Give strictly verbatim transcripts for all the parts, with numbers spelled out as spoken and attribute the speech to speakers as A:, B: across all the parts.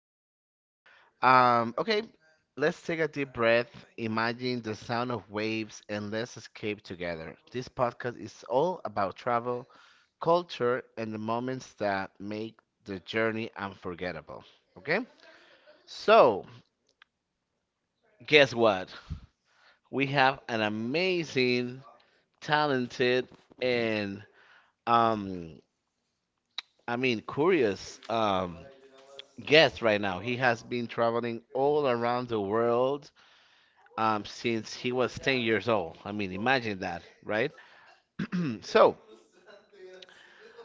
A: Pro. Um, okay, let's take a deep breath, imagine the sound of waves, and let's escape together. This podcast is all about travel, culture, and the moments that make the journey unforgettable. Okay? So, guess what? We have an amazing, talented, and um, I mean, curious um, guest right now. He has been traveling all around the world um, since he was ten years old. I mean, imagine that, right? So,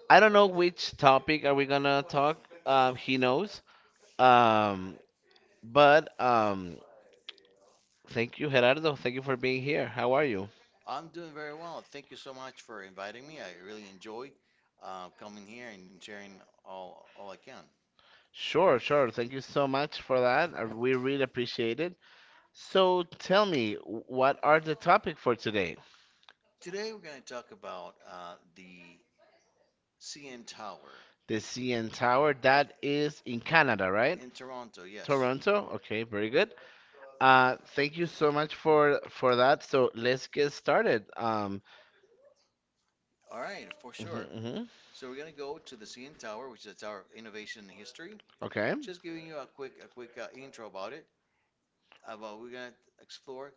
A: I don't know which topic are we gonna talk. Um, he knows. Um, but um, thank you, Gerardo. Thank you for being here. How are you?
B: I'm doing very well. Thank you so much for inviting me. I really enjoy uh, coming here and, and sharing all all I can.
A: Sure, sure. Thank you so much for that. Uh, We really appreciate it. So, tell me, what are the topic for today?
B: Today we're going to talk about uh, the C N Tower
A: The C N Tower that
B: uh,
A: is in Canada, right?
B: in Toronto. Yes.
A: Toronto. Okay, very good. Uh, thank you so much for for that. So let's get started. Um,
B: All right, for
A: mhm,
B: sure.
A: mhm.
B: So we're going to go to the C N Tower, which is the Tower of Innovation and History.
A: Okay.
B: Just giving you a quick a quick uh, intro about it. About we're going to explore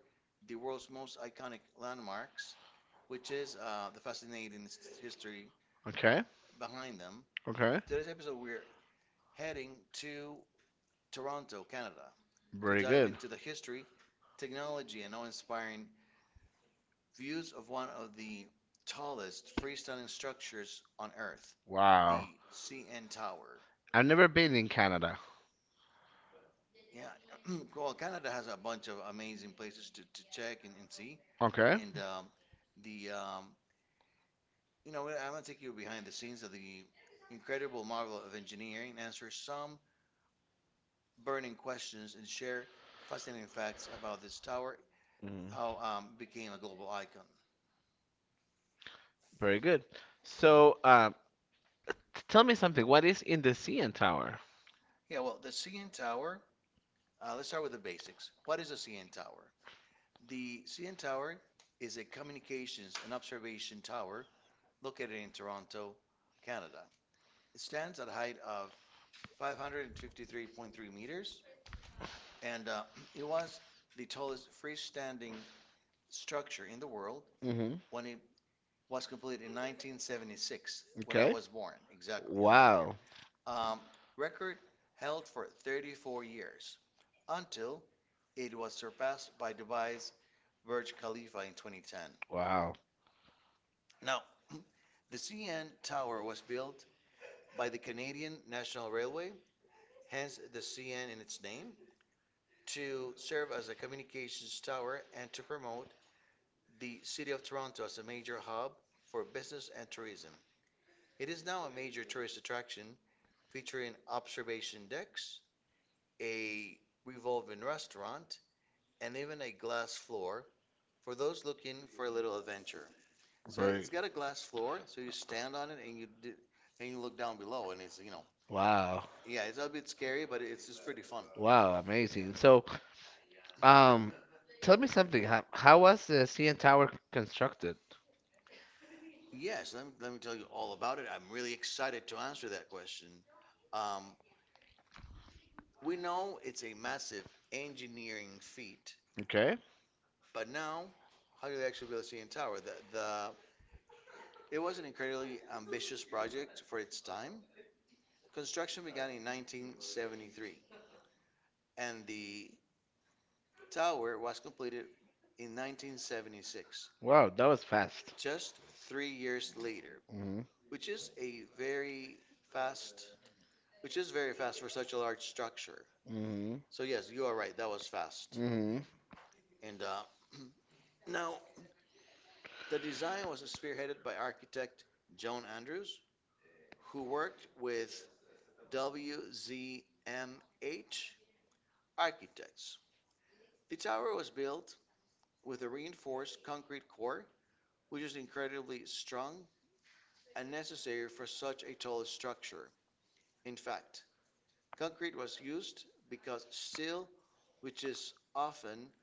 B: the world's most iconic landmarks, which is uh, the fascinating s- history
A: Okay.
B: behind them.
A: Okay.
B: Today's episode, we're heading to Toronto, Canada, to
A: Very
B: dive
A: good.
B: into the history, technology, and awe inspiring views of one of the tallest freestanding structures on Earth,
A: Wow.
B: the C N Tower.
A: I've never been in Canada.
B: Yeah, well, Canada has a bunch of amazing places to, to check and, and see.
A: Okay.
B: And um, the, um, you know, I'm going to take you behind the scenes of the incredible marvel of engineering and answer some burning questions and share fascinating facts about this tower,
A: Mm.
B: how um, it became a global icon.
A: Very good. So, uh, t- tell me something. What is in the C N Tower?
B: Yeah, well, the C N Tower, uh, let's start with the basics. What is a C N Tower? The C N Tower is a communications and observation tower located in Toronto, Canada. It stands at a height of five hundred fifty-three point three meters, and uh, it was the tallest freestanding structure in the world
A: Hmm.
B: when it was completed in nineteen seventy-six, when I
A: Okay.
B: was born, exactly on that year.
A: Wow.
B: um, record held for thirty-four years until it was surpassed by Dubai's Burj Khalifa in twenty ten.
A: Wow.
B: Now, the C N Tower was built by the Canadian National Railway, hence the C N in its name, to serve as a communications tower and to promote the city of Toronto as a major hub for business and tourism. It is now a major tourist attraction featuring observation decks, a revolving restaurant, and even a glass floor for those looking for a little adventure. So
A: Very.
B: it's got a glass floor, so you stand on it and you do, and you look down below, and it's you know,
A: Wow.
B: yeah, it's a bit scary, but it's just pretty fun.
A: Wow, amazing. So, um, tell me something. How, how was the C N Tower constructed?
B: Yes, let me, let me tell you all about it. I'm really excited to answer that question. Um, we know it's a massive engineering feat,
A: Okay.
B: but now, how do they actually build a C N Tower? The, the, it was an incredibly ambitious project for its time. Construction began in nineteen seventy-three, and the tower was completed in nineteen seventy-six,
A: Wow, that was fast.
B: just three years later,
A: Mm-hmm.
B: which is a very fast, which is very fast for such a large structure.
A: Mm-hmm.
B: So yes, you are right. That was fast.
A: Mm-hmm.
B: And uh, now the design was spearheaded by architect Joan Andrews, who worked with W Z M H Architects. The tower was built with a reinforced concrete core, which is incredibly strong unnecessary for such a tall structure. In fact, concrete was used because steel, which is often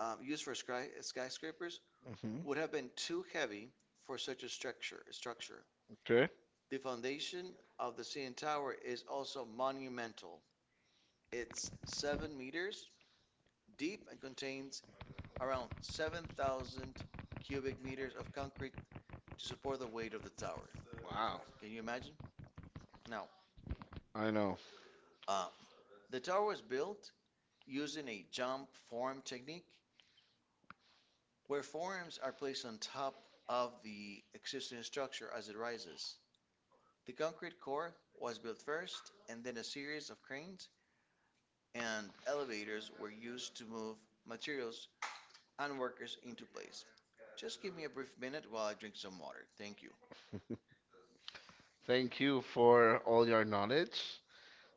B: um, used for sky- skyscrapers,
A: Mm-hmm.
B: would have been too heavy for such a structure. Structure.
A: Okay.
B: The foundation of the C N Tower is also monumental. It's seven meters deep and contains around seven thousand cubic meters of concrete to support the weight of the tower.
A: Wow.
B: Can you imagine? Now,
A: I know.
B: uh, the tower was built using a jump form technique where forms are placed on top of the existing structure as it rises. The concrete core was built first, and then a series of cranes and elevators were used to move materials and workers into place. Just give me a brief minute while I drink some water. Thank you.
A: Thank you for all your knowledge.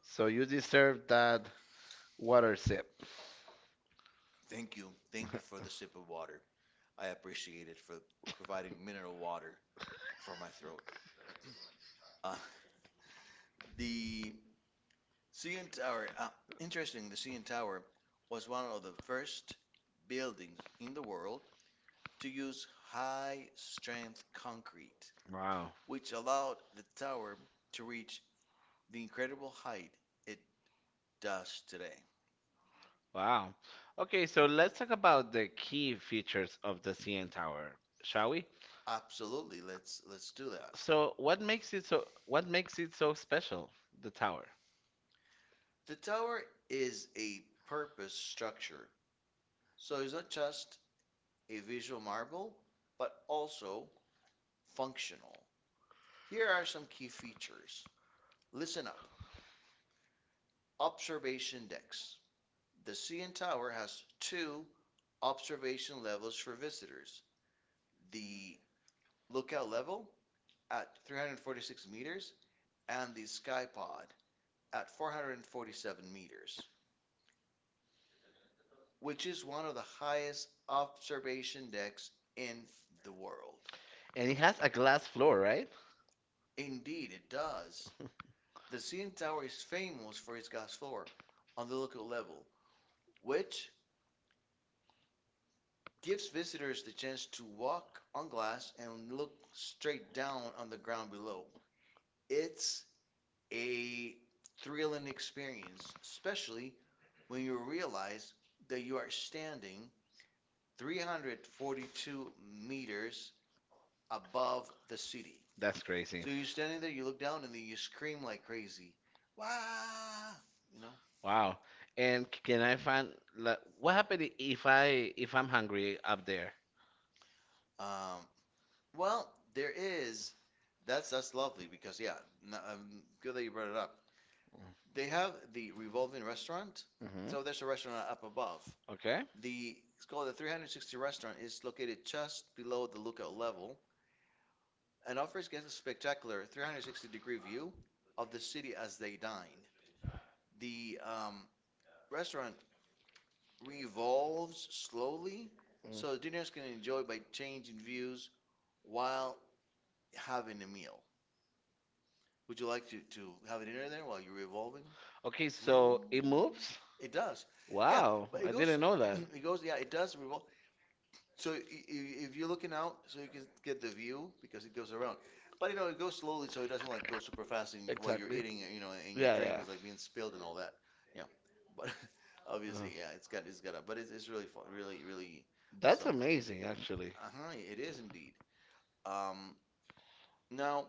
A: So you deserve that water sip.
B: Thank you. Thank you for the sip of water. I appreciate it for providing mineral water for my throat. Uh, the C N Tower, uh, interesting, the C N Tower was one of the first buildings in the world to use high strength concrete,
A: Wow.
B: which allowed the tower to reach the incredible height it does today.
A: Wow. Okay, so let's talk about the key features of the C N Tower, shall we?
B: Absolutely, let's let's do that.
A: So what makes it so what makes it so special, the tower?
B: The tower is a purpose structure, so it's not just a visual marvel, but also functional. Here are some key features. Listen up. Observation decks. The C N Tower has two observation levels for visitors: the lookout level at three hundred forty-six meters and the sky pod at four hundred forty-seven meters, which is one of the highest observation decks in the world.
A: And it has a glass floor, right?
B: Indeed, it does. The C N Tower is famous for its gas floor on the lookout level, which gives visitors the chance to walk on glass and look straight down on the ground below. It's a thrilling experience, especially when you realize that you are standing three hundred forty-two meters above the city.
A: That's
B: That's crazy.
A: crazy.
B: So you're standing there, you look down, and then you scream like crazy. Wow! You know?
A: Wow. And c- can I find like, what happened if I if I'm hungry up there?
B: Um, well, there is. That's that's lovely because yeah, no, um, good that you brought it up. They have the revolving restaurant.
A: Mm-hmm.
B: So there's a restaurant up above.
A: Okay.
B: The it's called the three hundred sixty restaurant, is located just below the lookout level and offers guests a spectacular three hundred sixty degree view of the city as they dine. The um, restaurant revolves slowly, so diners can
A: Mm.
B: enjoy by changing views while having a meal. Would you like to, to have a dinner there there while you're revolving?
A: Okay,
B: Ooh,
A: so it moves.
B: it does. Yeah, but it goes, it goes, yeah, it does revolve. So i- i- if you're looking out, so you can get the view because it goes around. But you know, it goes slowly, so it doesn't like go super fast and, while you're eating, you know, and your drink is like being spilled and all that. Yeah, but
A: Uh,
B: obviously, yeah, it's got, it's got a, but it's, it's really fun, really, really
A: that's
B: something.
A: amazing, actually.
B: Uh-huh, it is indeed. Um, Now,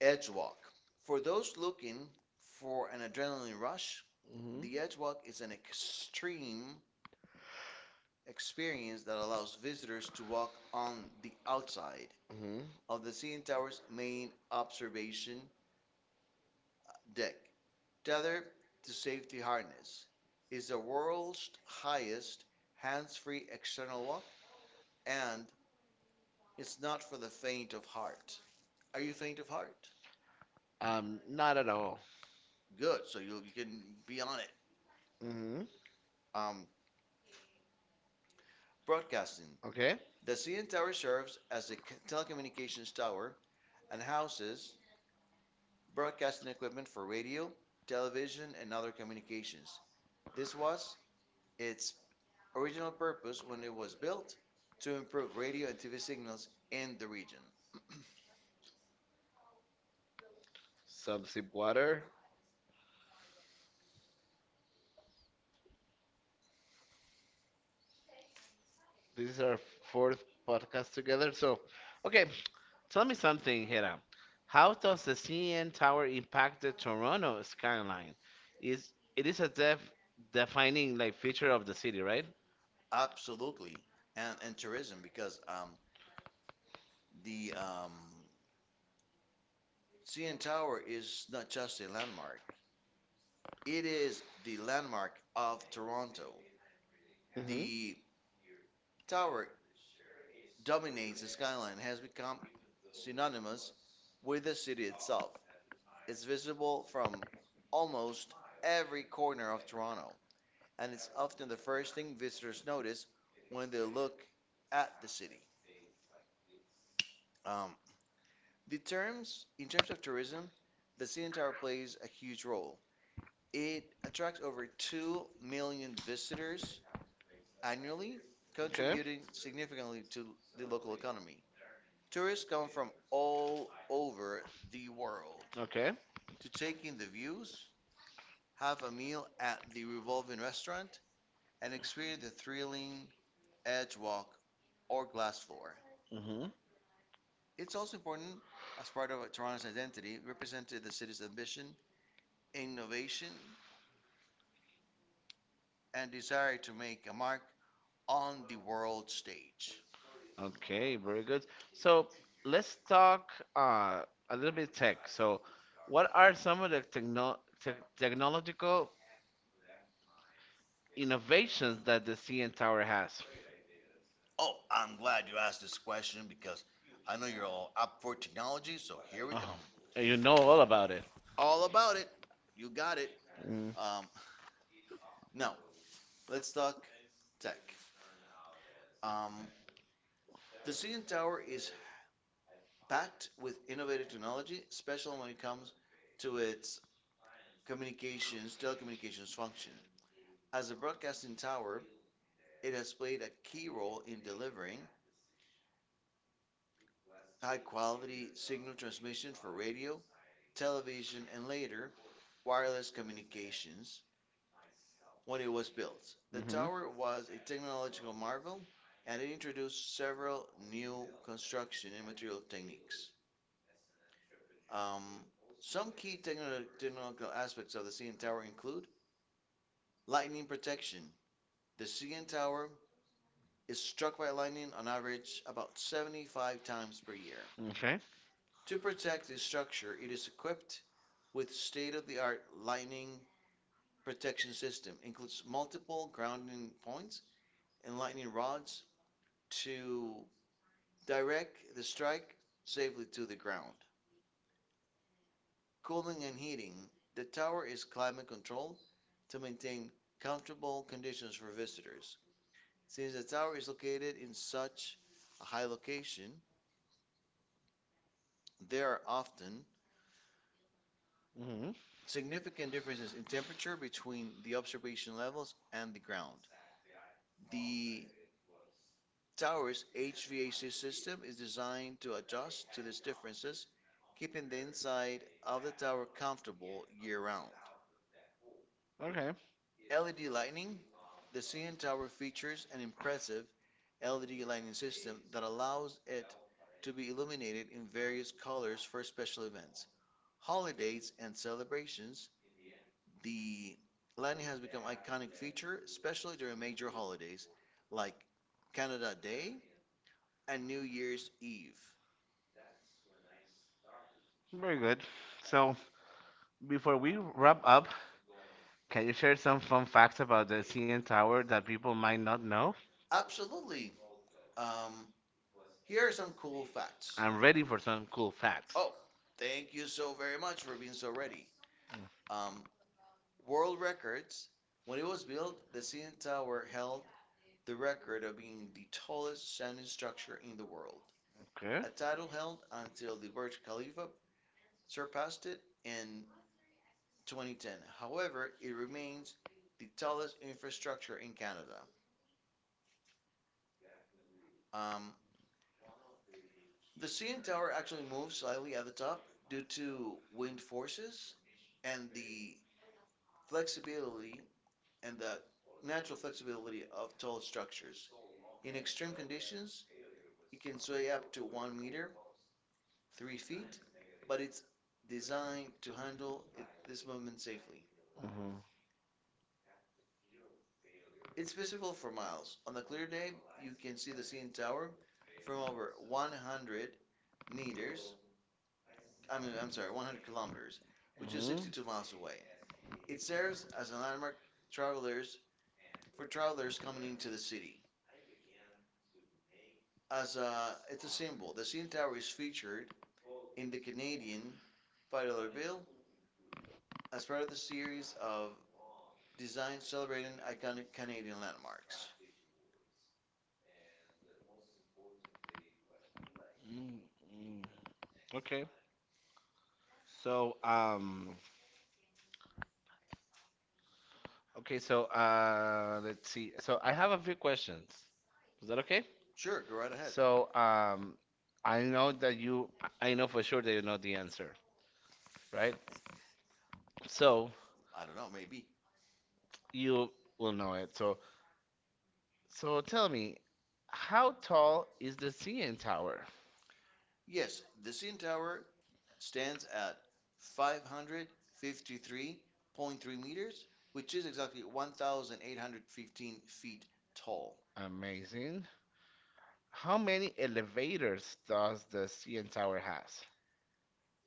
B: edge walk. For those looking for an adrenaline rush,
A: Hmm.
B: the edge walk is an extreme experience that allows visitors to walk on the outside
A: Hmm.
B: of the C N Tower's main observation deck, tethered to safety harness. It's the world's highest hands-free external walk, and it's not for the faint of heart. Are you faint of heart?
A: Um, not at all.
B: Good, so you, you can be on it.
A: Hmm.
B: Um, Broadcasting.
A: Okay.
B: The C N Tower serves as a telecommunications tower and houses broadcasting equipment for radio, television, and other communications. This was its original purpose when it was built to improve radio and T V signals in the region.
A: Some sip water. This is our fourth podcast together. So, okay, tell me something, Hera. How does the C N Tower impact the Toronto skyline? Is it is a def defining like feature of the city, right?
B: Absolutely. And, and tourism, because um, the um, C N Tower is not just a landmark, it is the landmark of Toronto. The tower dominates the skyline, has become synonymous with the city itself. It's visible from almost every corner of Toronto, and it's often the first thing visitors notice when they look at the city. Um, the terms, in terms of tourism, the C N Tower plays a huge role. It attracts over 2 million visitors annually,
A: Okay.
B: contributing significantly to the local economy. Tourists come from all over the world
A: Okay.
B: to take in the views, have a meal at the Revolving Restaurant, and experience the thrilling edge walk or glass floor.
A: Hmm.
B: It's also important, as part of Toronto's identity, represented the city's ambition, innovation, and desire to make a mark on the world stage.
A: Okay, very good. So let's talk uh, a little bit tech. So, what are some of the techno te technological innovations that the C N Tower has?
B: Oh, I'm glad you asked this question because I know you're all up for technology, so here we
A: Oh,
B: come.
A: and you know all about it.
B: All about it. You got it.
A: Mm.
B: Um, now, let's talk tech. Um, the C N Tower is packed with innovative technology, especially when it comes to its communications, telecommunications function. As a broadcasting tower, it has played a key role in delivering high quality signal transmission for radio, television, and later wireless communications when it was built. The
A: Mhm.
B: tower was a technological marvel and it introduced several new construction and material techniques. Um, some key techno- technological aspects of the C N Tower include: lightning protection. The C N Tower is struck by lightning on average about seventy-five times per year.
A: Okay.
B: To protect the structure, it is equipped with state-of-the-art lightning protection system. It includes multiple grounding points and lightning rods to direct the strike safely to the ground. Cooling and heating. The tower is climate controlled to maintain comfortable conditions for visitors. Since the tower is located in such a high location, there are often
A: Hmm.
B: significant differences in temperature between the observation levels and the ground. The tower's H V A C system is designed to adjust to these differences, keeping the inside of the tower comfortable year round.
A: Okay.
B: L E D lighting. The C N Tower features an impressive L E D lighting system that allows it to be illuminated in various colors for special events, holidays, and celebrations. The lightning has become an iconic feature, especially during major holidays like Canada Day and New Year's Eve.
A: Very good. So, before we wrap up, can you share some fun facts about the C N Tower that people might not know?
B: Absolutely. Um, here are some cool facts.
A: I'm ready for some cool facts.
B: Oh, thank you so very much for being so ready. Um, world records. When it was built, the C N Tower held the record of being the tallest standing structure in the world,
A: Okay.
B: a title held
A: Title.
B: until the Burj Khalifa surpassed it in twenty ten. However, it remains the tallest infrastructure in Canada. Um, the C N Tower actually moves slightly at the top due to wind forces and the flexibility and the natural flexibility of tall structures. In extreme conditions, it can sway up to 1 meter, 3 feet, but it's designed to handle it, this movement safely.
A: Mhm.
B: It's visible for miles. On a clear day, you can see the C N Tower from over 100 meters, I mean, I'm sorry, 100 kilometers, which is
A: Mhm.
B: 62 miles away. It serves as a landmark travelers for travelers coming into the city. As a, it's a symbol. The C N Tower is featured in the Canadian five dollars bill as part of the series of designs celebrating iconic Canadian landmarks.
A: Mm, mm. Okay. So, um, Okay, so uh, let's see. So I have a few questions. Is that okay?
B: Sure, go right ahead.
A: So um, I know that you, I know for sure that you know the answer, right? So
B: I don't know, maybe.
A: you will know it. So so tell me, how tall is the C N Tower?
B: Yes, the C N Tower stands at five hundred fifty-three point three meters, which is exactly one thousand eight hundred fifteen feet tall.
A: Amazing. How many elevators does the C N Tower has?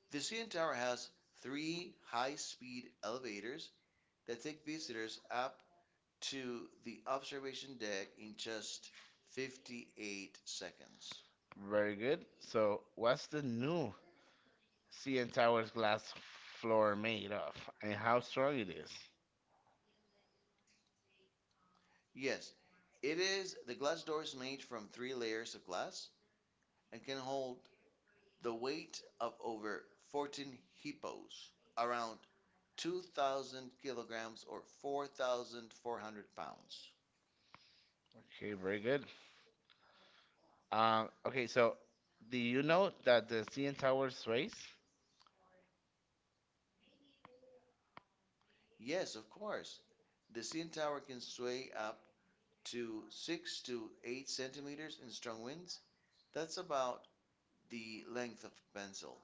B: The C N Tower has three high speed elevators that take visitors up to the observation deck in just fifty-eight seconds.
A: Very good. So what's the new C N Tower's glass floor made of, and how strong it is?
B: Yes, it is the glass door is made from three layers of glass and can hold the weight of over fourteen hippos, around two thousand kilograms or four thousand four hundred pounds.
A: Okay, very good. Um, okay, so do you know that the C N Tower sways?
B: Yes, of course. The C N Tower can sway up to six to eight centimeters in strong winds. That's about the length of a pencil.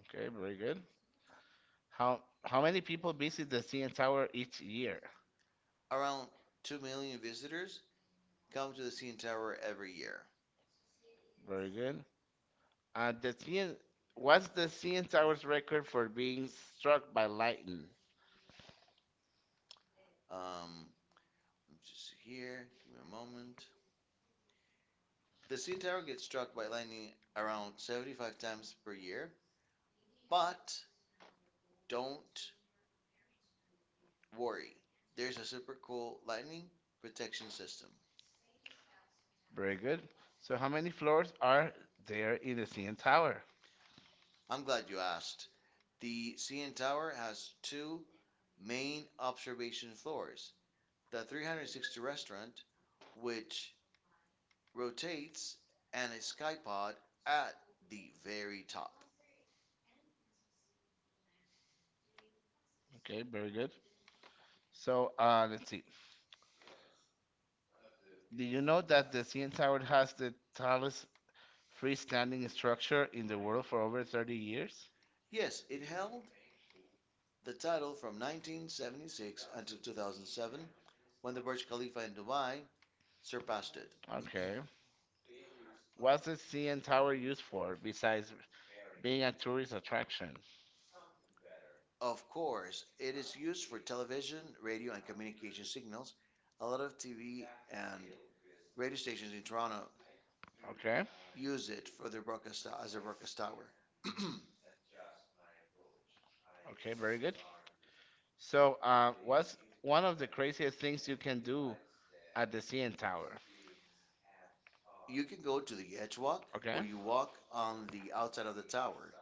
A: Okay, very good. How how many people visit the C N Tower each year?
B: Around 2 million visitors come to the C N Tower every year.
A: Very good. Uh, the C N, what's the C N Tower's record for being struck by lightning?
B: Um, I just here. Give me a moment. The C N Tower gets struck by lightning around seventy-five times per year, but don't worry. There's a super cool lightning protection system.
A: Very good. So how many floors are there in the C N Tower?
B: I'm glad you asked. The C N Tower has two main observation floors, the three hundred sixty restaurant, which rotates, and a skypod at the very top.
A: Okay, very good. So uh, let's see. Do you know that the C N Tower has the tallest freestanding structure in the world for over thirty years?
B: Yes, it held the title from nineteen seventy-six until two thousand seven when the Burj Khalifa in Dubai surpassed it.
A: Okay. What's the C N Tower used for besides being a tourist attraction?
B: Of course, it is used for television, radio, and communication signals. A lot of T V and radio stations in Toronto
A: Okay.
B: use it for their broadcast as their broadcast tower.
A: Okay, very good. So, uh, what's one of the craziest things you can do at the C N Tower?
B: You can go to the edge walk,
A: Okay.
B: where you walk on the outside of the tower,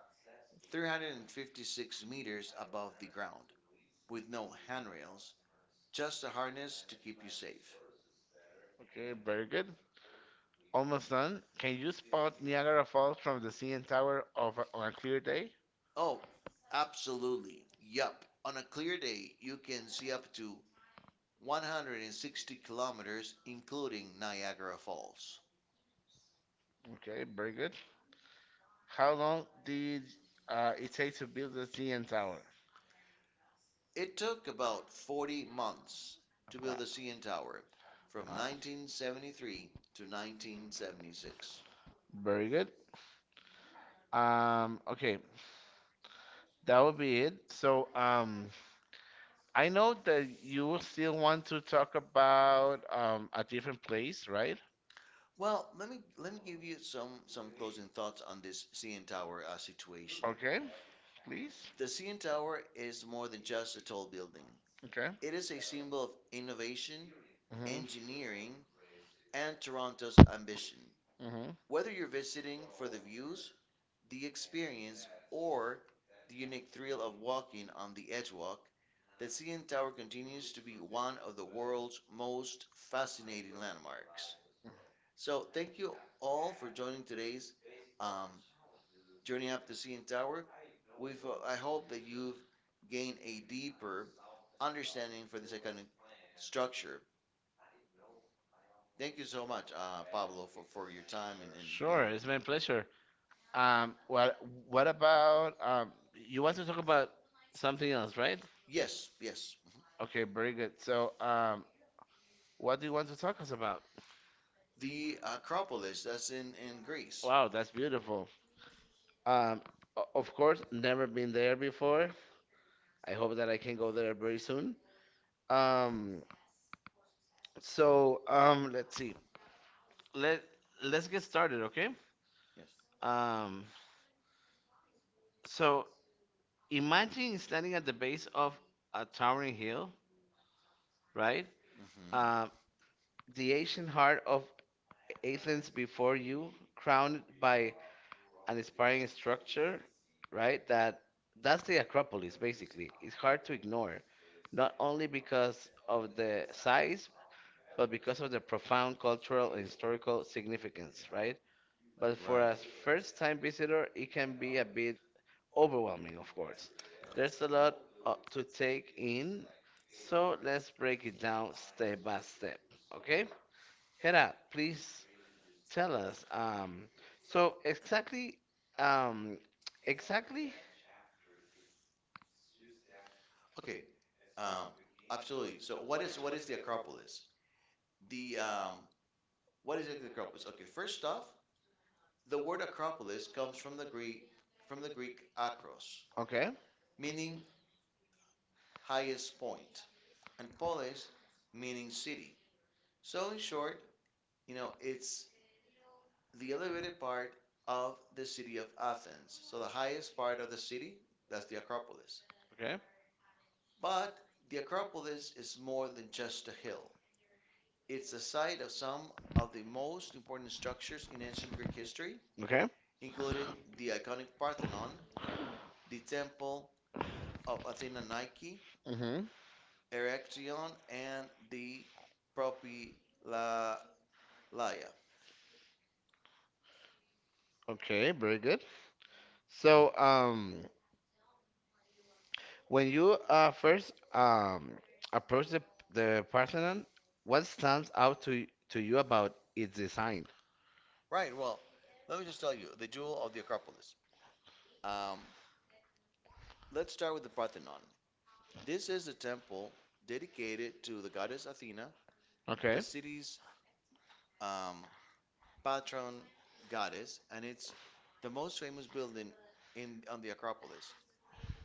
B: three hundred fifty-six meters above the ground, with no handrails, just a harness to keep you safe.
A: Okay, very good. Almost done. Can you spot Niagara Falls from the C N Tower of a, on a clear day?
B: Oh, absolutely. Yup. On a clear day, you can see up to one hundred sixty kilometers, including Niagara Falls.
A: Okay, very good. How long did uh, it take to build the C N Tower?
B: It took about forty months to build the C N
A: Wow.
B: Tower from
A: Alright.
B: nineteen seventy-three to nineteen seventy-six.
A: Very good. Um, okay, that would be it. So, um, I know that you still want to talk about um, a different place, right?
B: Well, let me let me give you some some closing thoughts on this C N Tower uh,
A: Projects.
B: situation.
A: Okay,
B: The
A: please.
B: C N Tower is more than just a tall building.
A: Okay.
B: It is a symbol of innovation,
A: Mm-hmm.
B: engineering, and Toronto's ambition.
A: Mm-hmm.
B: Whether you're visiting for the views, the experience, or the unique thrill of walking on the Edgewalk, the C N Tower continues to be one of the world's most fascinating landmarks.
A: Uh,
B: So, thank you all for joining today's um, journey up the C N Tower. We've, uh, I hope that you've gained a deeper understanding for this iconic structure. Thank you so much, uh, Pablo, for, for your time and, and, and
A: sure, it's my pleasure. Um, well, what about um, you want to talk about something else, right?
B: yes, yes,
A: Okay, very good. So, um, what do you want to talk us about?
B: the Acropolis, that's in in Greece.
A: Wow, that's beautiful. Um, o- of course, never been there before. I hope that I can go there very soon. Um, so um, let's see. Let let's get started, okay?
B: Yes.
A: Um, so imagine standing at the base of a towering hill, right?
B: Hmm.
A: Um, the ancient heart of Athens before you, crowned by an inspiring structure, right? That that's the Acropolis basically. It's hard to ignore, not only because of the size, but because of the profound cultural and historical significance, right? But for
B: Right.
A: a first-time visitor, it can be a bit overwhelming, of course. There's a lot uh, to take in, so let's break it down step by step, okay? Hera, please tell us. Um, so exactly, um, exactly.
B: Okay. Um, Absolutely. So what is what is the Acropolis? The um, What is exactly the Acropolis? Okay. First off, the word Acropolis comes from the Greek from the Greek akros,
A: Okay,
B: meaning highest point, and polis, meaning city. So in short, you know, it's the elevated part of the city of Athens. So the highest part of the city, that's the Acropolis.
A: okay,
B: But the Acropolis is more than just a hill. It's the site of some of the most important structures in ancient Greek history,
A: okay.
B: including the iconic Parthenon, the Temple of Athena Nike,
A: Mm-hmm.
B: Erechtheion, and the Propylaia.
A: Okay, very good. So, um, when you uh first um approach the the Parthenon, what stands out to y- to you about its design?
B: Right, well, let me just tell you the jewel of the Acropolis. Um, let's start with the Parthenon. This is a temple dedicated to the goddess Athena,
A: Okay.
B: the city's um, patron goddess, and it's the most famous building in on the Acropolis.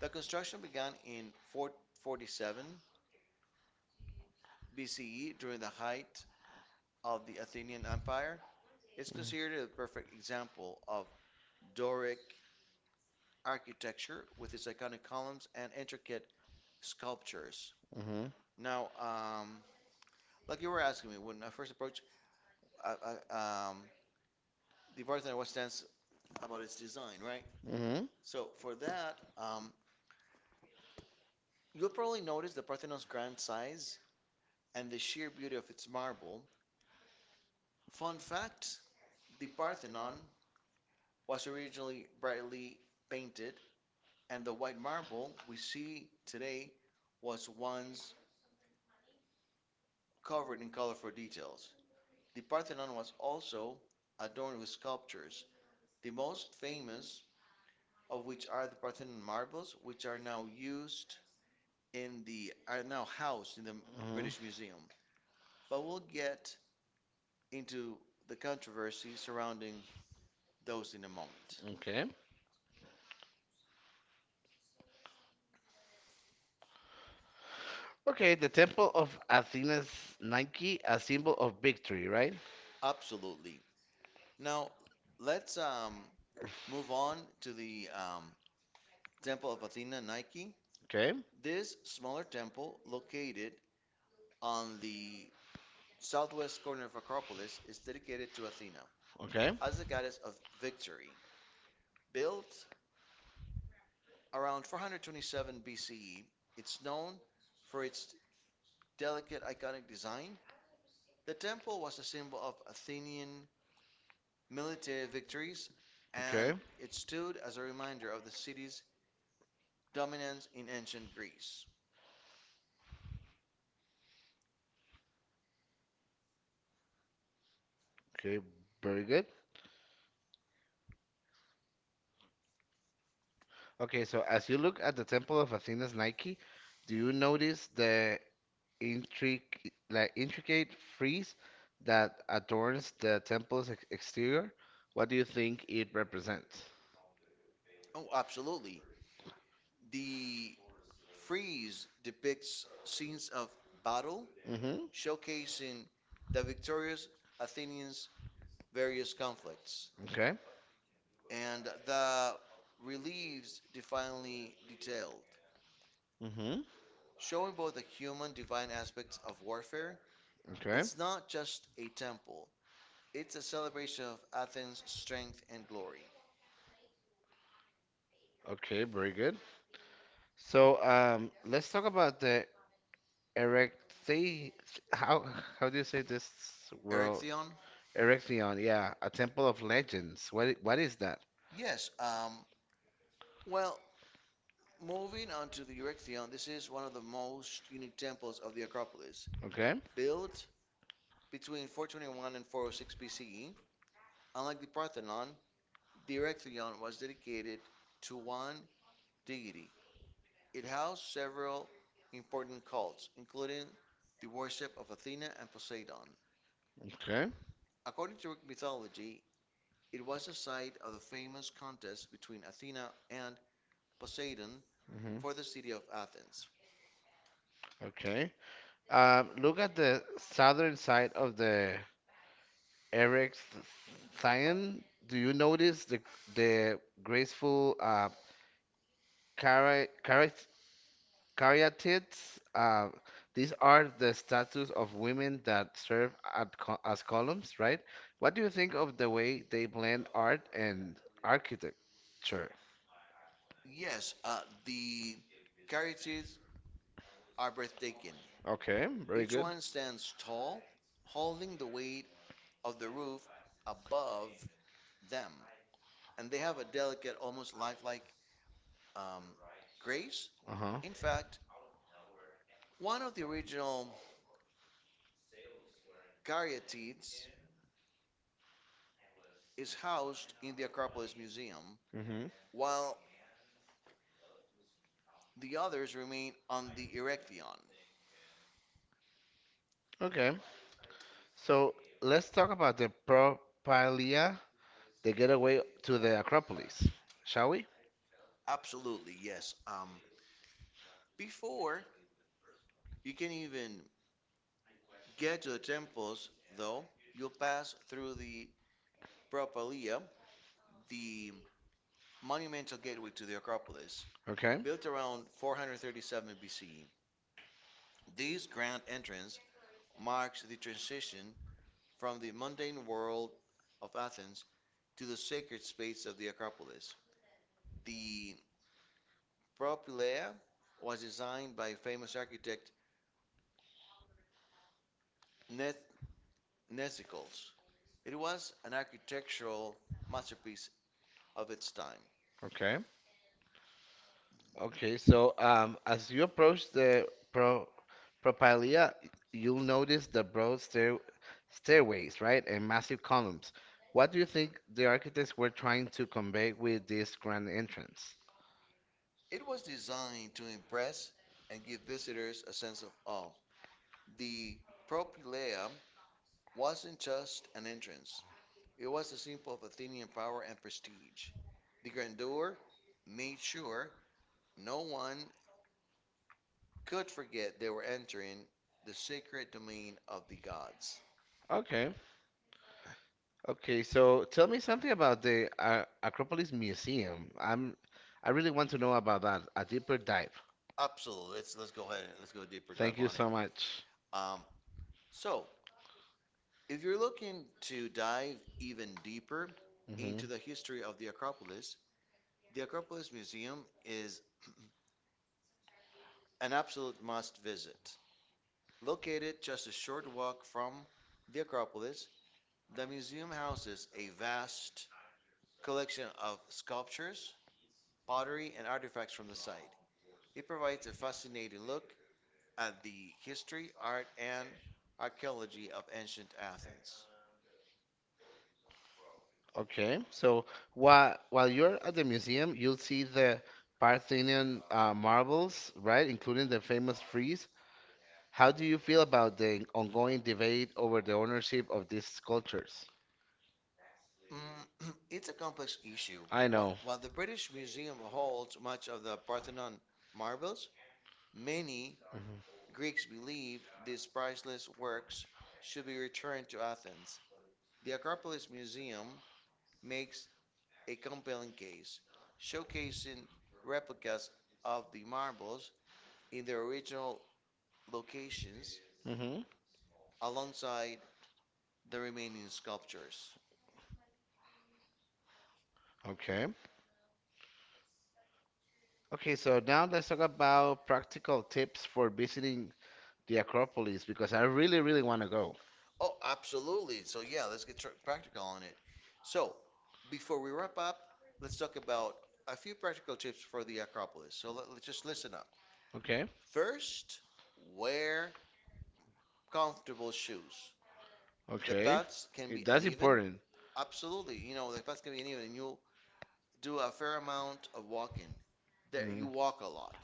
B: The construction began in four forty-seven B C E during the height of the Athenian Empire. It's considered a perfect example of Doric architecture with its iconic columns and intricate sculptures.
A: Mm-hmm.
B: Now, um, like you were asking me, when I first approached, I, I, um, the Parthenon was stands about its design, right?
A: Mm-hmm.
B: So for that, um, you'll probably notice the Parthenon's grand size and the sheer beauty of its marble. Fun fact, the Parthenon was originally brightly painted, and the white marble we see today was once covered in colorful details. The Parthenon was also adorned with sculptures, the most famous of which are the Parthenon marbles, which are now used in the are now housed in the
A: Mm-hmm.
B: British Museum. But we'll get into the controversy surrounding those in a moment.
A: Okay. Okay, the Temple of Athena's Nike, a symbol of victory, right?
B: Absolutely. Now, let's um, move on to the um, Temple of Athena Nike.
A: Okay.
B: This smaller temple, located on the southwest corner of Acropolis, is dedicated to Athena
A: Okay.
B: as the goddess of victory. Built around four hundred twenty-seven B C E, it's known for its delicate, iconic design. The temple was a symbol of Athenian military victories,
A: Okay.
B: and it stood as a reminder of the city's dominance in ancient Greece.
A: Okay, very good. Okay, so as you look at the temple of Athena's Nike, do you notice the intric like intricate frieze that adorns the temple's ex exterior? What do you think it represents?
B: Oh, absolutely. The frieze depicts scenes of battle,
A: Mm-hmm.
B: showcasing the victorious Athenians' various conflicts,
A: Okay.
B: and the reliefs divinely detailed,
A: Mm-hmm.
B: showing both the human divine aspects of warfare.
A: Okay.
B: It's not just a temple, it's a celebration of Athens' strength and glory.
A: Okay, very good. So, um, let's talk about the erecti how how do you say this world?
B: Erechtheion?
A: Erechtheion, yeah, a temple of legends. What i- what is that?
B: Yes. Um, well, moving on to the Erechtheion, this is one of the most unique temples of the Acropolis.
A: Okay.
B: Built between four twenty-one and four oh six B C E, unlike the Parthenon, the Erechtheion was dedicated to one deity. It housed several important cults, including the worship of Athena and Poseidon.
A: Okay.
B: According to Greek mythology, it was the site of the famous contest between Athena and Poseidon
A: Hmm.
B: for the city of Athens.
A: Okay. Um, look at the southern side of the Eric's Scion. Do you notice the the graceful uh, chara- chara- caryatids? Uh, these are the statues of women that serve at co- as columns, right? What do you think of the way they blend art and architecture?
B: Yes, uh, the Caryatids are breathtaking.
A: Okay, very
B: Each
A: good.
B: one stands tall, holding the weight of the roof above them, and they have a delicate, almost lifelike um, grace.
A: Uh-huh.
B: In fact, one of the original Caryatids is housed in the Acropolis Museum,
A: Mm-hmm.
B: while the others remain on the Erechtheion.
A: Okay. So let's talk about the Propylaea, the getaway to the Acropolis, shall we?
B: Absolutely, yes. Um, before you can even get to the temples, though, you'll pass through the Propylaea, the monumental gateway to the Acropolis,
A: Okay,
B: built around four hundred thirty-seven B C. This grand entrance marks the transition from the mundane world of Athens to the sacred space of the Acropolis. The Propylaea was designed by famous architect Neth- Nesicles. It was an architectural masterpiece of its time.
A: okay, okay. So um, as you approach the Pro Propylaea, you'll notice the broad stair stairways, right, and massive columns. What do you think the architects were trying to convey with this grand entrance?
B: It was designed to impress and give visitors a sense of awe. The Propylaea wasn't just an entrance, it was a symbol of Athenian power and prestige. The grandeur made sure no one could forget they were entering the sacred domain of the gods.
A: Okay. Okay, so tell me something about the uh, Acropolis Museum. I'm, I really want to know about that. A deeper dive.
B: Absolutely. Let's let's go ahead and let's go deeper
A: Thank
B: dive
A: you
B: on it.
A: so much.
B: Um, So, if you're looking to dive even deeper
A: Hmm.
B: into the history of the Acropolis, the Acropolis Museum is an absolute must visit. Located just a short walk from the Acropolis, the museum houses a vast collection of sculptures, pottery, and artifacts from the site. It provides a fascinating look at the history, art, and archaeology of ancient Athens.
A: Okay, so while while you're at the museum, you'll see the Parthenian uh, marbles, right, including the famous frieze. How do you feel about the ongoing debate over the ownership of these sculptures?
B: Mm, it's a complex issue.
A: I
B: Wh-
A: know.
B: While the British Museum holds much of the Parthenon marbles, many
A: Hmm.
B: Greeks believed these priceless works should be returned to Athens. The Acropolis Museum makes a compelling case, showcasing replicas of the marbles in their original locations
A: Hmm.
B: alongside the remaining sculptures.
A: Okay. Okay, so now let's talk about practical tips for visiting the Acropolis because I really, really want to go.
B: Oh, absolutely. So, yeah, let's get tr- practical on it. So, before we wrap up, let's talk about a few practical tips for the Acropolis. So, let, us just listen up.
A: Okay.
B: First, wear comfortable shoes. The
A: Okay.
B: paths can
A: It,
B: be
A: that's
B: uneven.
A: important.
B: Absolutely. You know, the paths can be uneven and you do a fair amount of walking. There you
A: Mm.
B: walk a lot.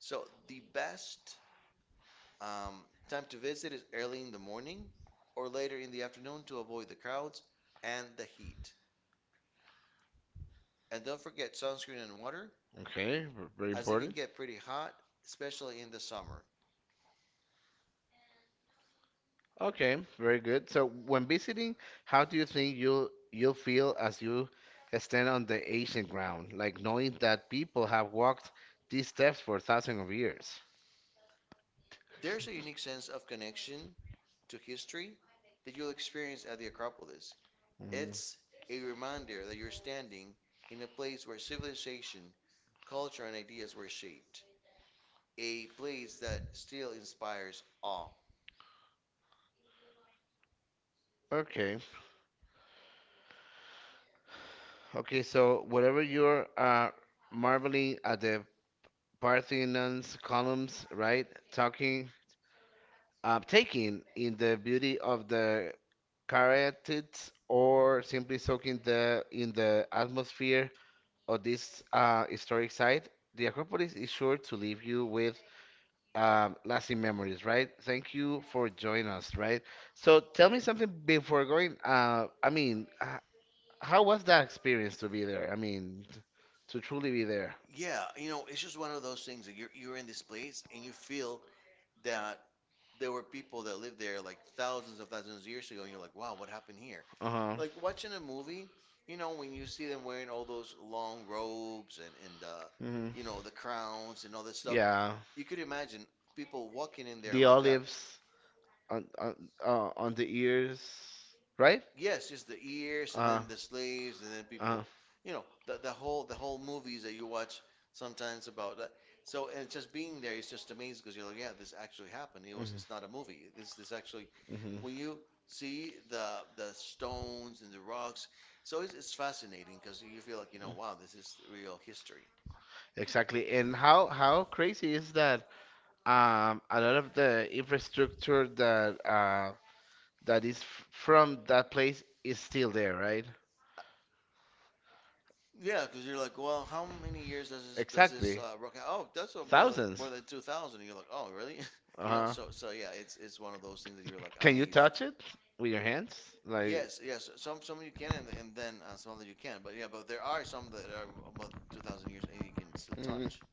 B: So the best um, time to visit is early in the morning or later in the afternoon to avoid the crowds and the heat. And don't forget sunscreen and water,
A: Okay, ver- very
B: as it can
A: important.
B: get pretty hot, especially in the summer.
A: Okay, very good. So when visiting, how do you think you'll you'll feel as you stand on the ancient ground, like knowing that people have walked these steps for thousands of years?
B: There's a unique sense of connection to history that you'll experience at the Acropolis.
A: Mm.
B: It's a reminder that you're standing in a place where civilization, culture, and ideas were shaped, a place that still inspires awe.
A: Okay, okay. So whatever you're uh, marveling at the Parthenon's columns, right? Talking, uh, taking in the beauty of the Caryatids or simply soaking the in the atmosphere of this uh, historic site, the Acropolis is sure to leave you with um, lasting memories, right? Thank you for joining us, right? So tell me something before going. Uh, I mean, h- how was that experience to be there? I mean, t- to truly be there.
B: Yeah, you know, it's just one of those things that you're you're in this place and you feel that there were people that lived there like thousands of thousands of years ago, and you're like, wow, what happened here?
A: Uh huh.
B: Like watching a movie, you know, when you see them wearing all those long robes and and uh,
A: Hmm.
B: you know the crowns and all this stuff,
A: Yeah.
B: you could imagine people walking in there
A: The
B: like that.
A: olives on on uh, on the ears, right?
B: Yes, just the ears and
A: Uh,
B: then the slaves and then
A: uh.
B: people, you know, the the whole the whole movies that you watch sometimes about that. So and just being there is just amazing because you're like, yeah, this actually happened. It was
A: Mhm,
B: it's not a movie. This this actually,
A: mhm.
B: when you see the the stones and the rocks, so it's it's fascinating because you feel like, you know, wow, this is real history.
A: Exactly. And how how crazy is that? Um, a lot of the infrastructure that uh that is f from that place is still there, right?
B: Yeah, because you're like, well, how many years does this does this
A: Exactly.
B: uh, rock? Out? Oh, that's uh, more than more
A: Thousands.
B: than two thousand. And you're like, oh, really? You know,
A: Uh-huh.
B: so so yeah, it's it's one of those things that you're like
A: Can you
B: amazed.
A: touch it with your hands? Like.
B: Yes, yes. Some some you can, and, and then uh, some that you can. But yeah, but there are some that are about two thousand years, and you can still touch.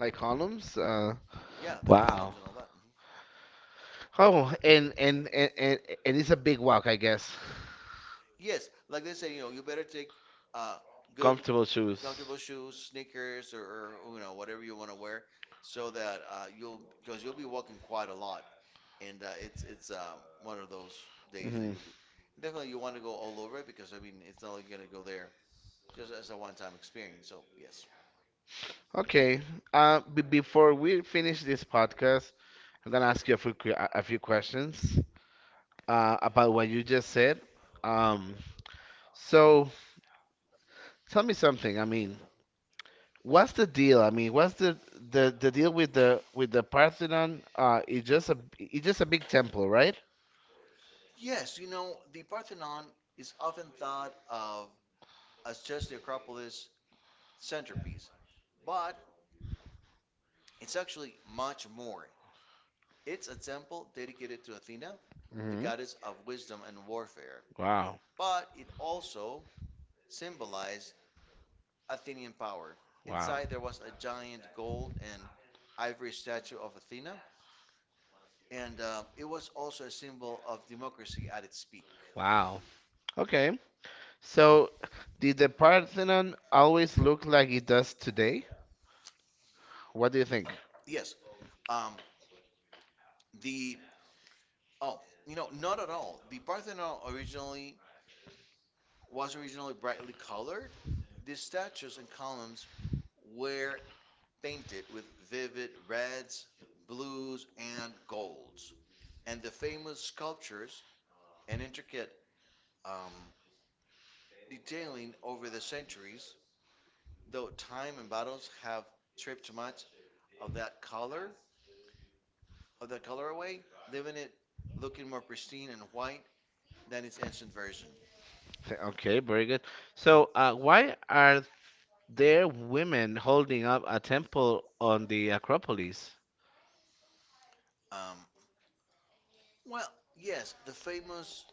A: Like columns. Uh,
B: Yeah, the columns
A: Wow.
B: and all that. Mhm.
A: oh, and and and and, and it's a big walk, I guess.
B: Yes, like they say, you know, you better take uh, good,
A: Comfortable shoes.
B: comfortable shoes, sneakers, or, or you know whatever you want to wear, so that uh, you'll because you'll be walking quite a lot, and uh, it's it's um, one of those days that
A: Hmm.
B: you'll be definitely you want to go all over it, because I mean it's not like you're gonna go there just as a one-time experience. So yes.
A: Okay. Uh, b- before we finish this podcast, I'm gonna ask you a few que- a few questions uh, about what you just said. Um, so tell me something. I mean, what's the deal? I mean, what's the the, the deal with the with the Parthenon? Uh, it's just a it's just a big temple, right?
B: Yes, you know, the Parthenon is often thought of as just the Acropolis centerpiece, but it's actually much more. It's a temple dedicated to Athena, the
A: Hmm.
B: goddess of wisdom and warfare,
A: Wow.
B: but it also symbolized Athenian power.
A: Wow.
B: Inside, there was a giant gold and ivory statue of Athena, and uh, it was also a symbol of democracy at its peak.
A: Wow. Okay. So, did the Parthenon always look like it does today? What do you think?
B: Yes, um, the Oh, you know, not at all. The Parthenon originally was originally brightly colored. The statues and columns were painted with vivid reds, blues, and golds. And the famous sculptures and intricate um, detailing over the centuries, though time and battles have stripped much of that color of that color away, leaving it looking more pristine and white than its ancient version.
A: Th- Okay, very good. So, uh, why are there women holding up a temple on the Acropolis?
B: Um, well, yes, the famous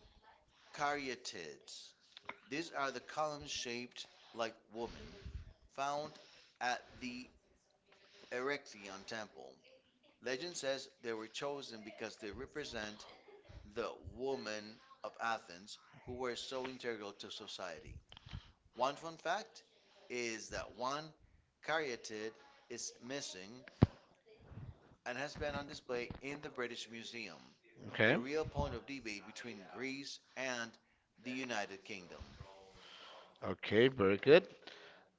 B: Caryatids. These are the columns shaped like women found at the Erechtheion temple. Legend says they were chosen because they represent the women of Athens who were so integral to society. One fun fact is that one caryatid is missing and has been on display in the British Museum,
A: That's
B: a
A: okay.
B: real
A: Real
B: point
A: honor.
B: of debate between Greece and the United Kingdom.
A: Okay, very good.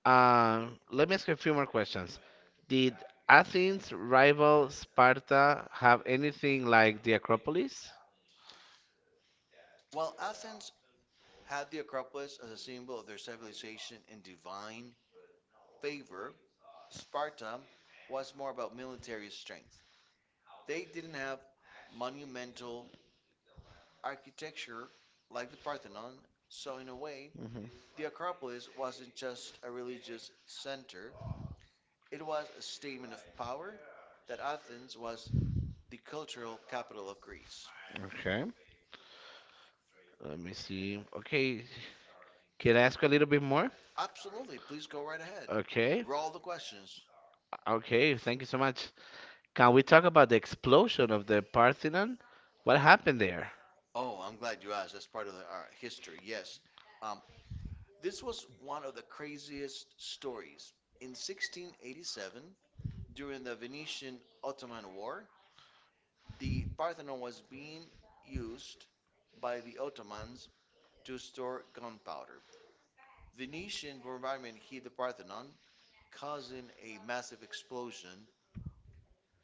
A: Um, let me ask you a few more questions. Did Athens rival Sparta have anything like the Acropolis?
B: While Athens had the Acropolis as a symbol of their civilization and divine favor, Sparta was more about military strength. They didn't have monumental architecture like the Parthenon, so in a way,
A: Hmm.
B: the Acropolis wasn't just a religious center, it was a statement of power that Athens was the cultural capital of Greece.
A: Okay. Let me see. Okay. Can I ask a little bit more?
B: Absolutely, please go right ahead.
A: Okay.
B: Roll the questions.
A: Okay. Thank you so much. Can we talk about the explosion of the Parthenon? What happened there?
B: Oh, I'm glad you asked. That's part of the, our history. Yes. Um, this was one of the craziest stories. In sixteen eighty-seven, during the Venetian Ottoman War, the Parthenon was being used by the Ottomans to store gunpowder. Venetian bombardment hit the Parthenon, causing a massive explosion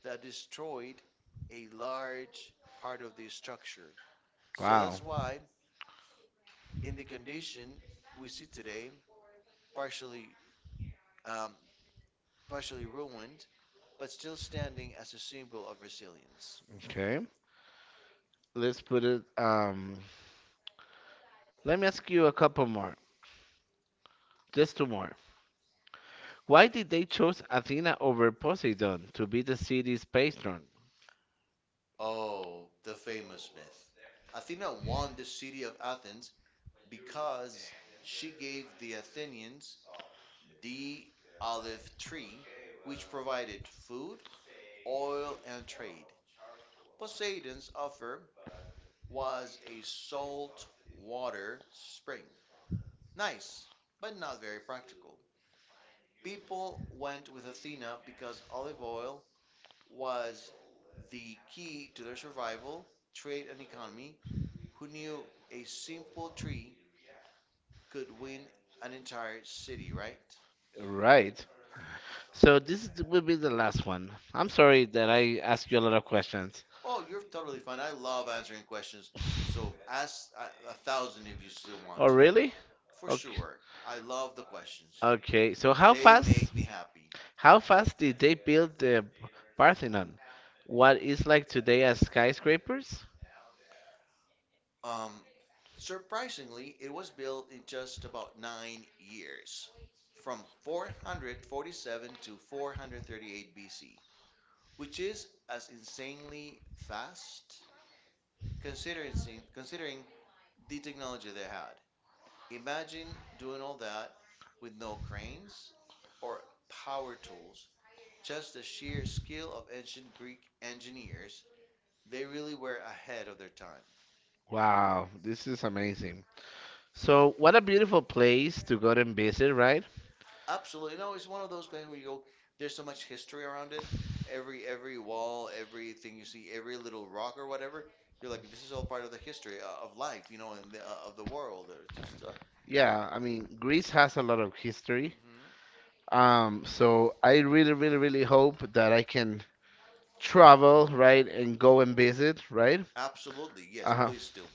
B: that destroyed a large part of the structure. So
A: Wow.
B: that's why, in the condition we see today, partially um, partially ruined, but still standing as a symbol of resilience.
A: Okay. Let's put it. Um. Let me ask you a couple more. Just two more. Why did they choose Athena over Poseidon to be the city's patron?
B: Oh, the famous myth. Athena won the city of Athens because she gave the Athenians the olive tree, which provided food, oil, and trade. Poseidon's offer was a salt water spring. Nice, but not very practical. People went with Athena because olive oil was the key to their survival, trade, and economy. Who knew a simple tree could win an entire city, right?
A: Right. So this is- will be the last one. I'm sorry that I ask you a lot of questions.
B: Oh, you're totally fine. I love answering questions. So ask a, a thousand if you still want
A: Oh,
B: to.
A: really?
B: For
A: Okay.
B: sure. I love the questions.
A: Okay. So how
B: They
A: fast?
B: make me happy.
A: How fast did they build the Parthenon? What is like today as skyscrapers?
B: Um, surprisingly, it was built in just about nine years, from four hundred forty-seven to four hundred thirty-eight B C, which is as insanely fast considering considering the technology they had. Imagine doing all that with no cranes or power tools, just the sheer skill of ancient Greek engineers. They really were ahead of their time.
A: Wow, this is amazing. So what a beautiful place to go and visit, right?
B: Absolutely. You know, it's one of those places where you go, there's so much history around it. Every every wall, everything you see, every little rock or whatever, you're like, this is all part of the history uh, of life, you know, and the, uh, of the world. Or just uh,
A: Yeah, I mean Greece has a lot of history.
B: hmm.
A: Um, so I really, really, really hope that I can travel, right, and go and visit, right?
B: Absolutely. Yes,
A: Uh-huh.
B: please do.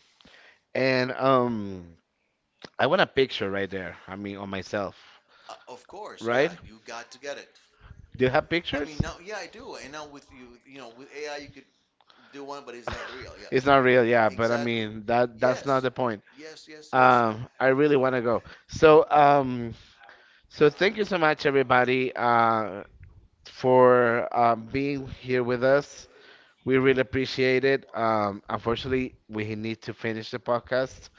A: And um, I want a picture right there. I mean, on myself,
B: Uh, of course.
A: right?
B: Yeah, you got to get it.
A: Do you have
B: I mean,
A: pictures?
B: now, yeah, I do. And now with you, you know, with A I, you could do one, but it's not real. Yeah,
A: It's not real, yeah, but I
B: exactly.
A: mean that that's not
B: Yes,
A: the point.
B: yes, yes, yes.
A: Um, I really want to go. So, um, so thank you so much, everybody, uh, for uh, being here with us. We really appreciate it. Um, unfortunately, we need to finish the podcast.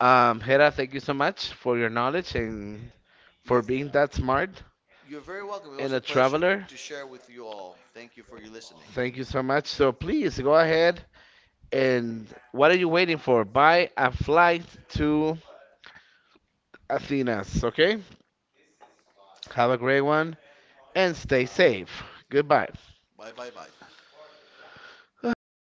A: Um, Hera, thank you so much for your knowledge and
B: You're
A: for being that smart
B: you're very welcome. It was
A: and
B: a
A: a
B: pleasure
A: traveler.
B: to share with you all. Thank you for your listening.
A: Thank you so much. So please go ahead and what are you waiting for? Buy a flight to Athens, okay? Have a great one and stay safe. Goodbye.
B: Bye, bye, bye.